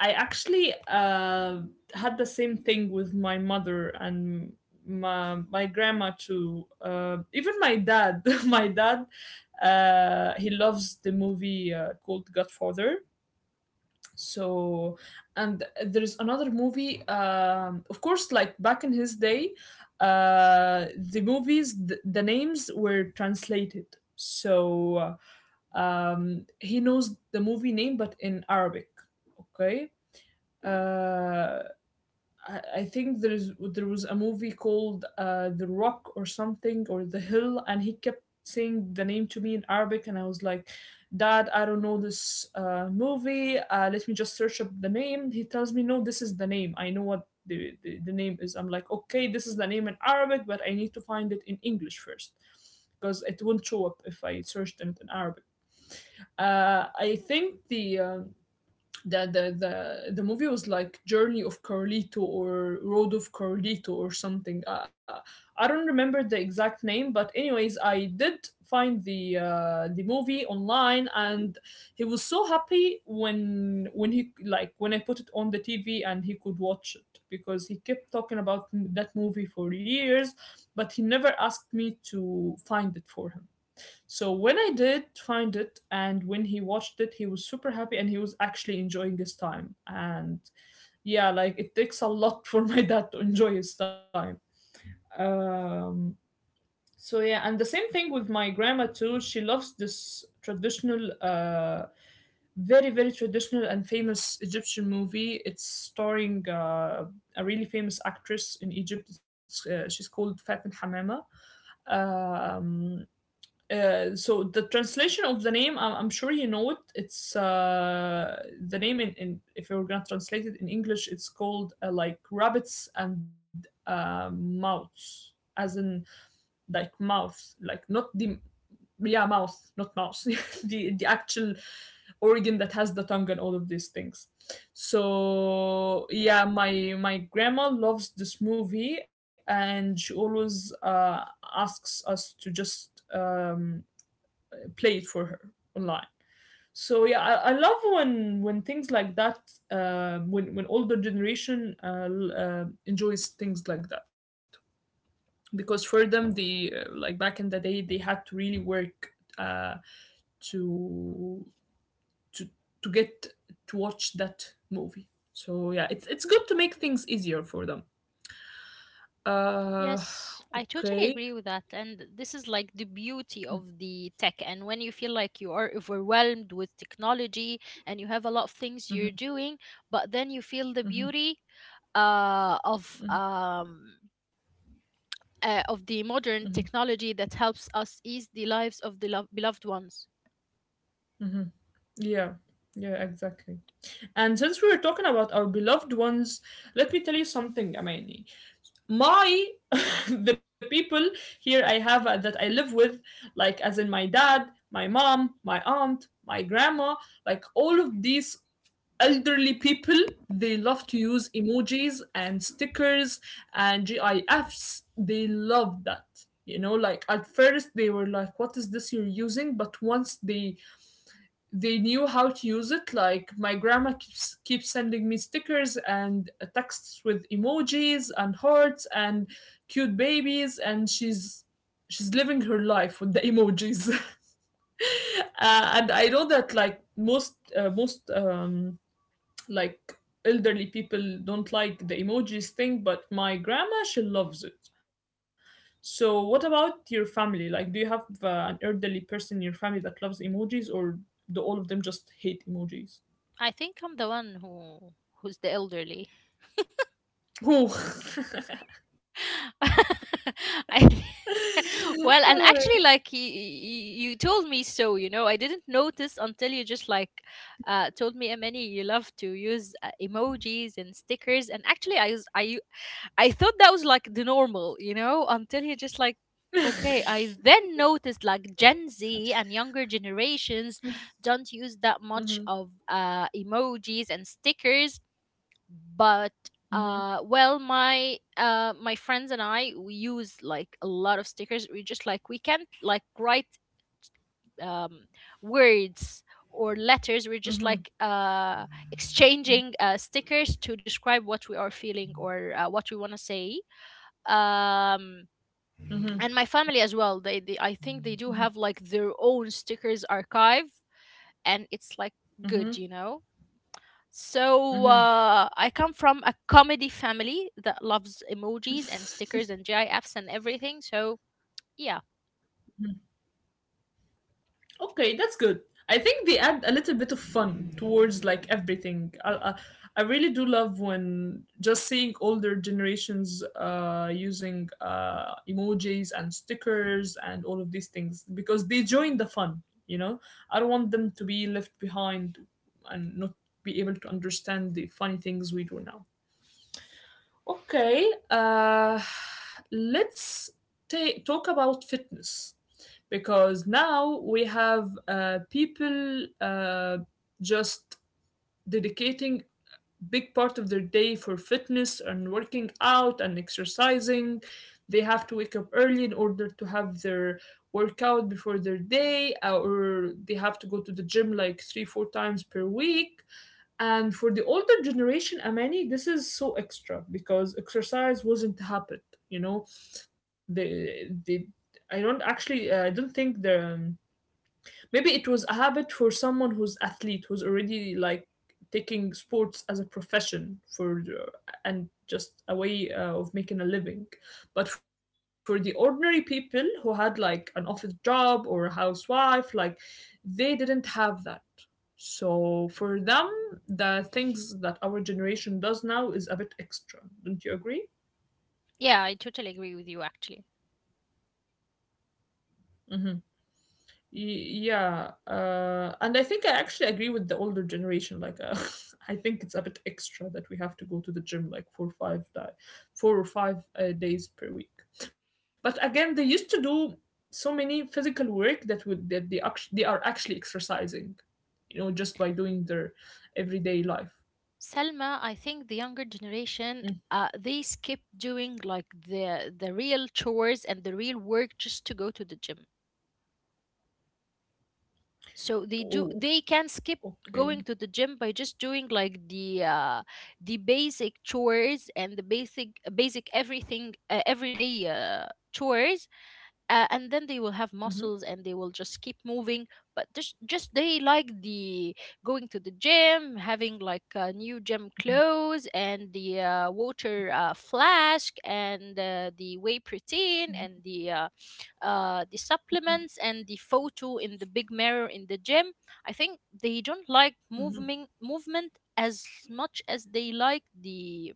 S1: I actually had the same thing with my mother and my grandma too. Even my dad. My dad, he loves the movie called Godfather. So and there's another movie, um, of course, like back in his day the movies, the names were translated. So um, he knows the movie name but in Arabic. Okay. Uh, I think there is there was a movie called The Rock or something, or The Hill, and he kept saying the name to me in Arabic, and I was like, "Dad, I don't know this movie. Let me just search up the name." He tells me, "No, this is the name. I know what the name is." I'm like, "Okay, this is the name in Arabic, but I need to find it in English first, because it won't show up if I searched it in Arabic." I think the movie was like Journey of Carlito or Road of Carlito or something. I don't remember the exact name, but anyways, I did find the movie online, and he was so happy when he like when I put it on the TV and he could watch it, because he kept talking about that movie for years, but he never asked me to find it for him. So when I did find it, and when he watched it, he was super happy and he was actually enjoying his time. And yeah, like it takes a lot for my dad to enjoy his time. Um, so yeah, and the same thing with my grandma too. She loves this traditional, very very traditional and famous Egyptian movie. It's starring a really famous actress in Egypt. It's, she's called Faten Hamama. Um, so the translation of the name, I'm sure you know it. It's the name in if you're gonna translate it in English, it's called like rabbits and mouths, as in like mouth, like not the yeah mouth, not mouse, the actual organ that has the tongue and all of these things. So yeah, my grandma loves this movie, and she always asks us to just play it for her online. So yeah, I love when things like that, when older generation enjoys things like that, because for them the like back in the day they had to really work uh, to to to get to watch that movie. So yeah, it's good to make things easier for them. Uh,
S2: Yes, I totally
S1: okay.
S2: agree with that. And this is like the beauty of the tech. And when you feel like you are overwhelmed with technology and you have a lot of things
S1: Mhm,
S2: you're doing, but then you feel the
S1: mhm,
S2: beauty uh, of
S1: mhm,
S2: um, of the
S1: mhm,
S2: modern technology that helps us ease the lives of the beloved ones.
S1: mhm. Yeah, yeah, exactly. And since we were talking about our beloved ones, let me tell you something, Amani. My, the people here I have that I live with, like as in my dad, my mom, my aunt, my grandma, like all of these elderly people, they love to use emojis and stickers and GIFs. They love that. You know, like at first they were like, what is this you're using? But once they knew how to use it. Like my grandma keeps sending me stickers and texts with emojis and hearts and cute babies, and she's living her life with the emojis. Uh, and I know that like most like elderly people don't like the emojis thing, but my grandma she loves it. So, what about your family? Like, do you have an elderly person in your family that loves emojis, or do all of them just hate emojis?
S2: I think I'm the one who who's the elderly.
S1: Oh,
S2: I
S1: no way.
S2: Well, and actually, like, you told me, so, you know, I didn't notice until you just like told me, Emily, you love to use emojis and stickers, and actually, I thought that was like the normal, you know, until you just like. Okay, I then noticed like Gen Z and younger generations don't use that
S1: Mhm,
S2: much of emojis and stickers, but
S1: mhm,
S2: well, my my friends and I, we use like a lot of stickers. We just like, we can't like write um words or letters. We're just
S1: mhm,
S2: like exchanging stickers to describe what we are feeling or what we want to say. um
S1: mhm,
S2: and my family as well, they I think
S1: mhm,
S2: they do have like their own stickers archive, and it's like good,
S1: mhm,
S2: you know. So
S1: mhm.
S2: I come from a comedy family that loves emojis and stickers and GIFs and everything. So yeah,
S1: Okay, that's good. I think they add a little bit of fun towards like everything. I really do love when just seeing older generations using emojis and stickers and all of these things because they join the fun. You know, I don't want them to be left behind and not be able to understand the funny things we do now. Okay, let's ta talk about fitness because now we have people just dedicating big part of their day for fitness and working out and exercising. They have to wake up early in order to have their workout before their day, or they have to go to the gym like three, four times per week. And for the older generation, Amani, this is so extra because exercise wasn't a habit. You know, the I don't actually I don't think the maybe it was a habit for someone who's athlete, who's already like taking sports as a profession for and just a way of making a living. But for the ordinary people who had like an office job or a housewife, like they didn't have that. So for them, the things that our generation does now is a bit extra. Don't you agree?
S2: yeah, I totally agree with you actually.
S1: Mm-hmm. Yeah, uh, and I think I actually agree with the older generation, like, I think it's a bit extra that we have to go to the gym like four or five days per week. But again, they used to do so many physical work that they are actually exercising, you know, just by doing their everyday life.
S2: Selma, I think the younger generation,
S1: Mm.
S2: they skip doing like the real chores and the real work just to go to the gym. So they do,
S1: Oh,
S2: they can skip going
S1: okay.
S2: to the gym by just doing like the basic chores and the basic everything, everyday chores, and then they will have muscles
S1: Hmm,
S2: and they will just keep moving. But just, they like the going to the gym, having like new gym clothes and the water flask and the whey
S1: hmm,
S2: protein and the supplements and the photo in the big mirror in the gym. I think they don't like movement
S1: hmm,
S2: movement as much as they like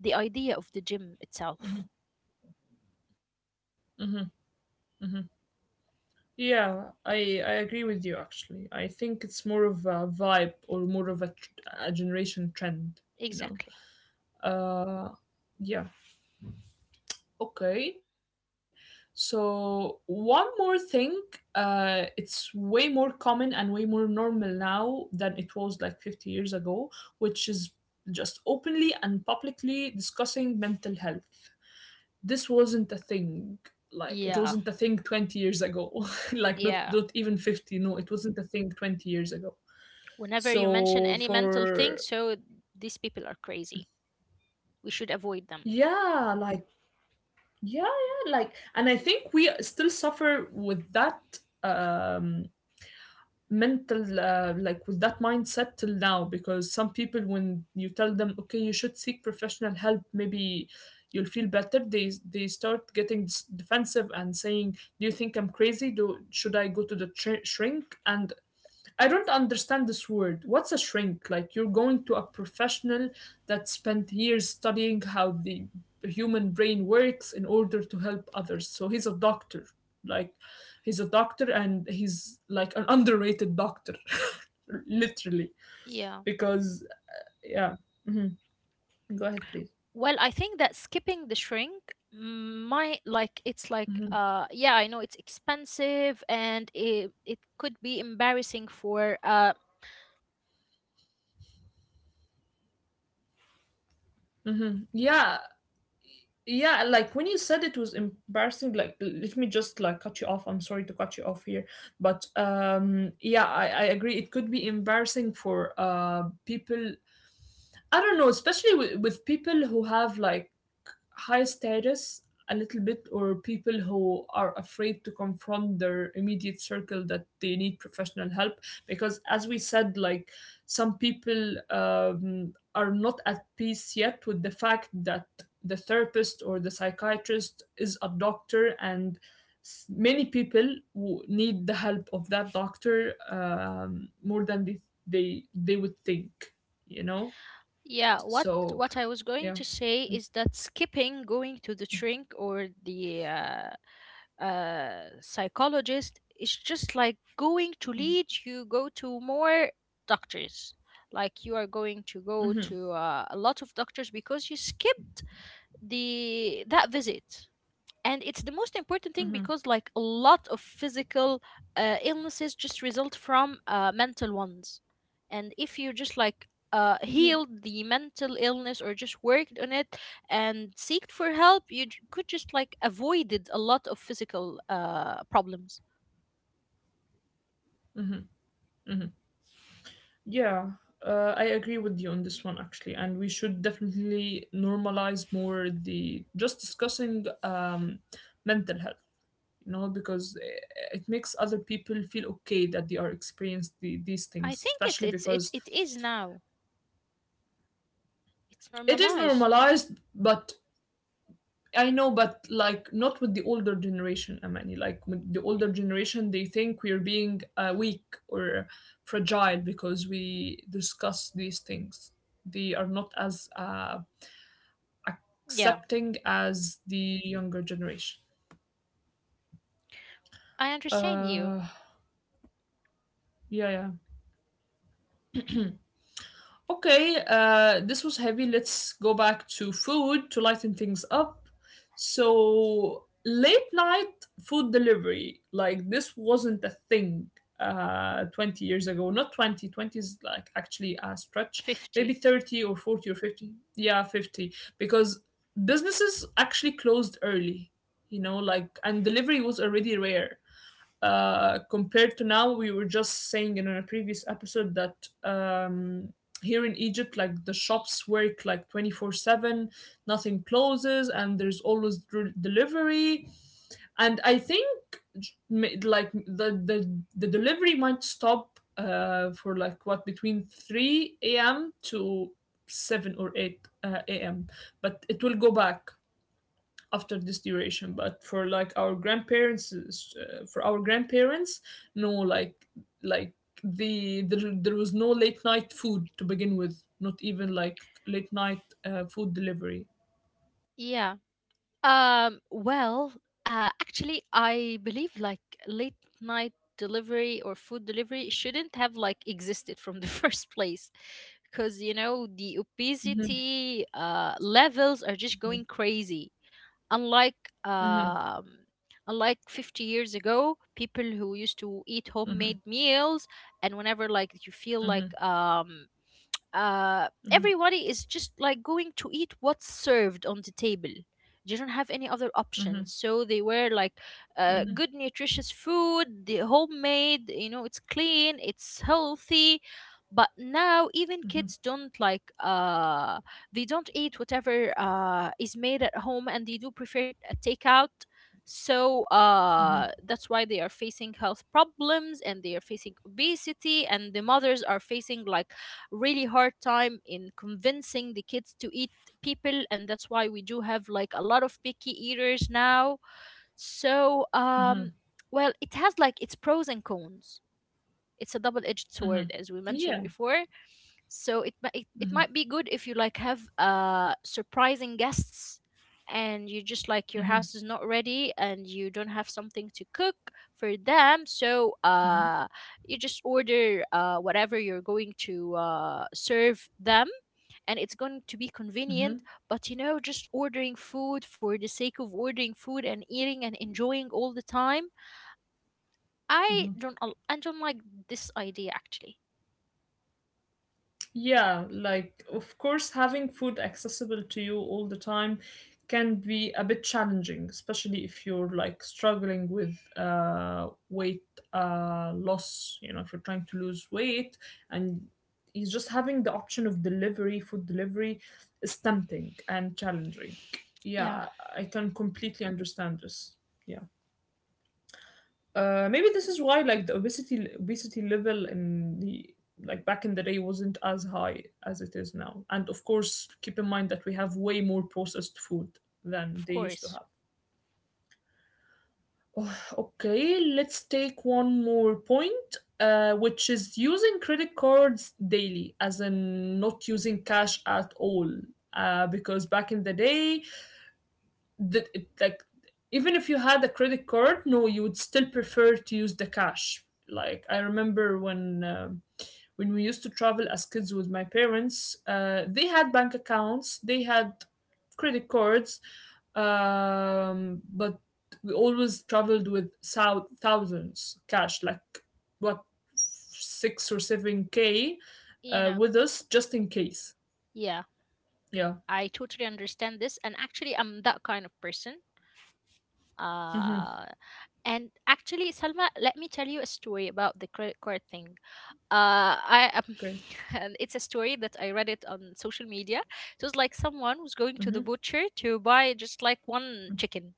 S2: the idea of the gym itself.
S1: hmm, hmm. Yeah, I agree with you actually. I think it's more of a vibe or more of a generation trend, you
S2: Exactly.
S1: know. Uh, yeah. Okay. So one more thing, it's way more common and way more normal now than it was like 50 years ago, which is just openly and publicly discussing mental health. This wasn't a thing, like it
S2: Yeah,
S1: wasn't a thing 20 years ago. Like not
S2: yeah.
S1: not even 50, no, it wasn't a thing 20 years ago.
S2: Whenever you mention
S1: So
S2: any mental thing,
S1: for,
S2: so these people are crazy. We should avoid them.
S1: yeah, like, yeah, yeah, like, and I think we still suffer with that, um mental like with that mindset till now, because some people, when you tell them, okay, you should seek professional help, maybe you'll feel better, they start getting defensive and saying, do you think I'm crazy? Do Should I go to the shrink? And I don't understand this word. What's a shrink? Like you're going to a professional that spent years studying how the human brain works in order to help others. So he's a doctor. Like he's a doctor, and he's like an underrated doctor, literally.
S2: Yeah.
S1: Because yeah. Hmm. Go ahead, please.
S2: Well, I think that skipping the shrink might like, it's
S1: Hmm.
S2: like yeah, I know it's expensive and it could be embarrassing for
S1: Hmm. Yeah. Yeah, like when you said it was embarrassing, like, let me just like cut you off. I'm sorry to cut you off here, but yeah, I agree. It could be embarrassing for people. I don't know, especially with people who have like high status a little bit, or people who are afraid to confront their immediate circle that they need professional help, because as we said, like some people are not at peace yet with the fact that the therapist or the psychiatrist is a doctor, and many people who need the help of that doctor more than they would think, you know.
S2: yeah. what
S1: So
S2: what I was going
S1: yeah.
S2: to say is that skipping going to the shrink or the psychologist, it's just like going to lead you, go to more doctors. Like, you are going to go to a lot of doctors because you skipped the that visit, and it's the most important thing because like a lot of physical illnesses just result from mental ones. And if you just like healed the mental illness or just worked on it and seeked for help, you could just like avoided a lot of physical problems.
S1: Hmm. Yeah, I agree with you on this one actually, and we should definitely normalize more the just discussing mental health. You know, because it makes other people feel okay that they are experiencing these things,
S2: I think it,
S1: especially
S2: it's it,
S1: because
S2: it is now, it's
S1: it is
S2: normalized.
S1: normalized, but I know, but like not with the older generation, Amani. Like with the older generation, they think we're being weak or fragile because we discuss these things. They are not as
S2: Yeah,
S1: accepting as the younger generation.
S2: I understand you.
S1: Uh, yeah, yeah. Okay, this was heavy. Let's go back to food to lighten things up. So, late night food delivery, like this wasn't a thing 20 years ago. Not 20, 20 is like actually a stretch. Maybe
S2: 50.
S1: 30 or 40 or 50. Yeah, 50. Because businesses actually closed early, you know, like, and delivery was already rare. Compared to now, we were just saying in a previous episode that here in Egypt, like the shops work like 24/7, nothing closes, and there's always delivery. And I think, like the delivery might stop for like what, between 3 a.m. to 7 or 8 a.m., but it will go back after this duration. But for like our grandparents, for our grandparents, no, like, like there was no late night food to begin with, not even like late night food delivery.
S2: Yeah. Well, actually, I believe like late night delivery or food delivery shouldn't have like existed from the first place because, you know, the
S1: Mm-hmm.
S2: obesity levels are just
S1: Mm-hmm.
S2: going crazy. Unlike
S1: Mm-hmm.
S2: 50 years ago, people who used to eat homemade meals, and whenever like you feel
S1: Mm-hmm.
S2: like everybody is just like going to eat what's served on the table. They don't have any other options.
S1: Mm-hmm.
S2: So they were like good, nutritious food, the homemade, you know, it's clean, it's healthy. But now even
S1: Mm-hmm.
S2: kids don't like, they don't eat whatever is made at home, and they do prefer a takeout. So that's why they are facing health problems and they are facing obesity, and the mothers are facing like really hard time in convincing the kids to eat people, and that's why we do have like a lot of picky eaters now. So well, it has like its pros and cons. It's a double-edged sword,
S1: Mm-hmm.
S2: as we mentioned
S1: Yeah.
S2: before. So it might be good if you like have surprising guests and you just like your
S1: Mm-hmm.
S2: house is not ready and you don't have something to cook for them. So
S1: Mm-hmm.
S2: you just order whatever you're going to serve them, and it's going to be convenient. But you know, just ordering food for the sake of ordering food and eating and enjoying all the time,
S1: Mm-hmm.
S2: I don't like this idea actually.
S1: Yeah, like of course, having food accessible to you all the time can be a bit challenging, especially if you're like struggling with weight loss. You know, if you're trying to lose weight, and he's just having the option of delivery, food delivery is tempting and challenging.
S2: Yeah,
S1: Yeah, I can completely understand this. Yeah. Maybe this is why like the obesity level in the, like back in the day wasn't as high as it is now. And of course, keep in mind that we have way more processed food than
S2: of
S1: they used to
S2: course.
S1: have. Okay, let's take one more point, which is using credit cards daily, as in not using cash at all. Because back in the day, that it, like even if you had a credit card, no, you would still prefer to use the cash. Like I remember when we used to travel as kids with my parents, they had bank accounts, they had credit cards, but we always traveled with thousands cash, like what, 6 or 7K
S2: You know,
S1: with us just in case.
S2: yeah,
S1: Yeah.
S2: I totally understand this. And actually, I'm that kind of person.
S1: Mm-hmm.
S2: Uh, and actually, Salma, let me tell you a story about the credit card thing. I
S1: Okay.
S2: and it's a story that I read it on social media. It was like someone was going to
S1: Mm-hmm.
S2: the butcher to buy just like one chicken.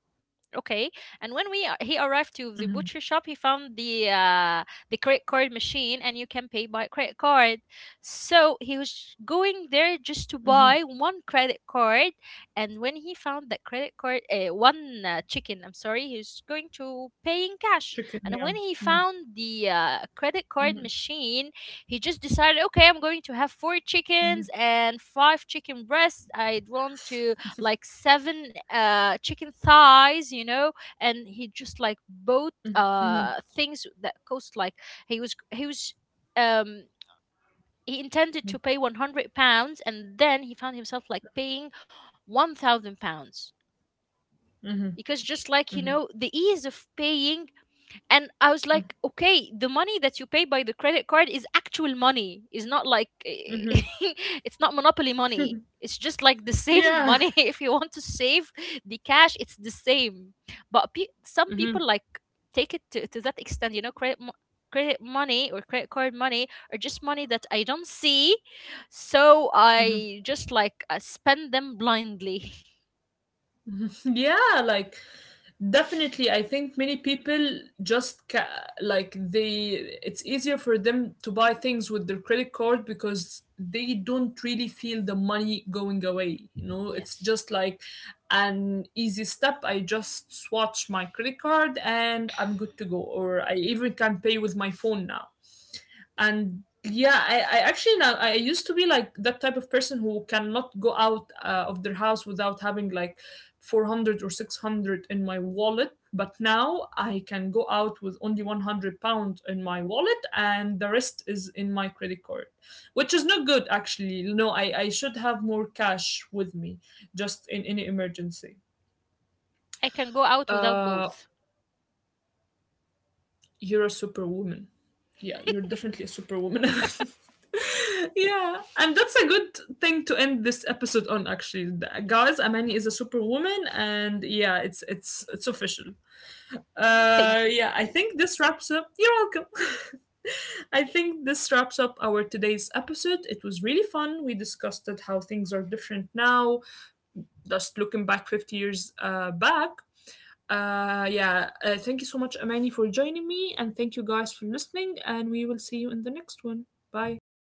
S2: Okay, and when
S1: Mm-hmm.
S2: he arrived to the butcher shop, he found the credit card machine, and you can pay by credit card. So he was
S1: Mm-hmm.
S2: going there just to buy one credit card, and when he found that credit card, one chicken, I'm sorry, he was going
S1: Chicken,
S2: to
S1: yeah.
S2: pay in
S1: Mm-hmm.
S2: cash, and when he found
S1: Mhm.
S2: the credit card machine, he just decided, okay, I'm
S1: Mhm.
S2: going to have four chickens and five chicken breasts. I'd want to like seven chicken thighs, you know, and he just like
S1: Mhm.
S2: bought things that cost like he was he was um, he intended to pay 100 pounds, and then he found himself like paying 1,000 pounds because just like, you
S1: Mhm.
S2: know, the ease of paying. And I was like, okay, the money that you pay by the credit card is actual money, is not like
S1: Mhm.
S2: it's not monopoly money, it's just like the same
S1: Yeah.
S2: money. If you want to save the cash, it's the same. But some
S1: Mhm.
S2: people like take it to that extent, you know. Credit money or credit card money or just money that I don't see, so
S1: Mhm.
S2: I just like spend them blindly.
S1: Mhm. Yeah, like definitely I think many people just like they it's easier for them to buy things with their credit card because they don't really feel the money going away, you know? It's
S2: Yes.
S1: just like an easy step. I just swatch my credit card and I'm good to go, or I even can pay with my phone now. And yeah, I actually now I used to be like that type of person who cannot go out of their house without having like 400 or 600 in my wallet, but now I can go out with only 100 pound in my wallet and the rest is in my credit card, which is not good actually. No, I should have more cash with me just in any emergency.
S2: I can go out without
S1: uh
S2: both.
S1: you're a superwoman. Yeah, you're definitely a superwoman. Yeah, and that's a good thing to end this episode on. Actually, guys, Amani is a superwoman, and yeah, it's official.
S2: Mm, thank you.
S1: Yeah, I think this wraps up. You're welcome. I think this wraps up our today's episode. It was really fun. We discussed that how things are different now, just looking back 50 years back. Yeah, thank you so much, Amani, for joining me, and thank you guys for listening. And we will see you in the next one. Bye.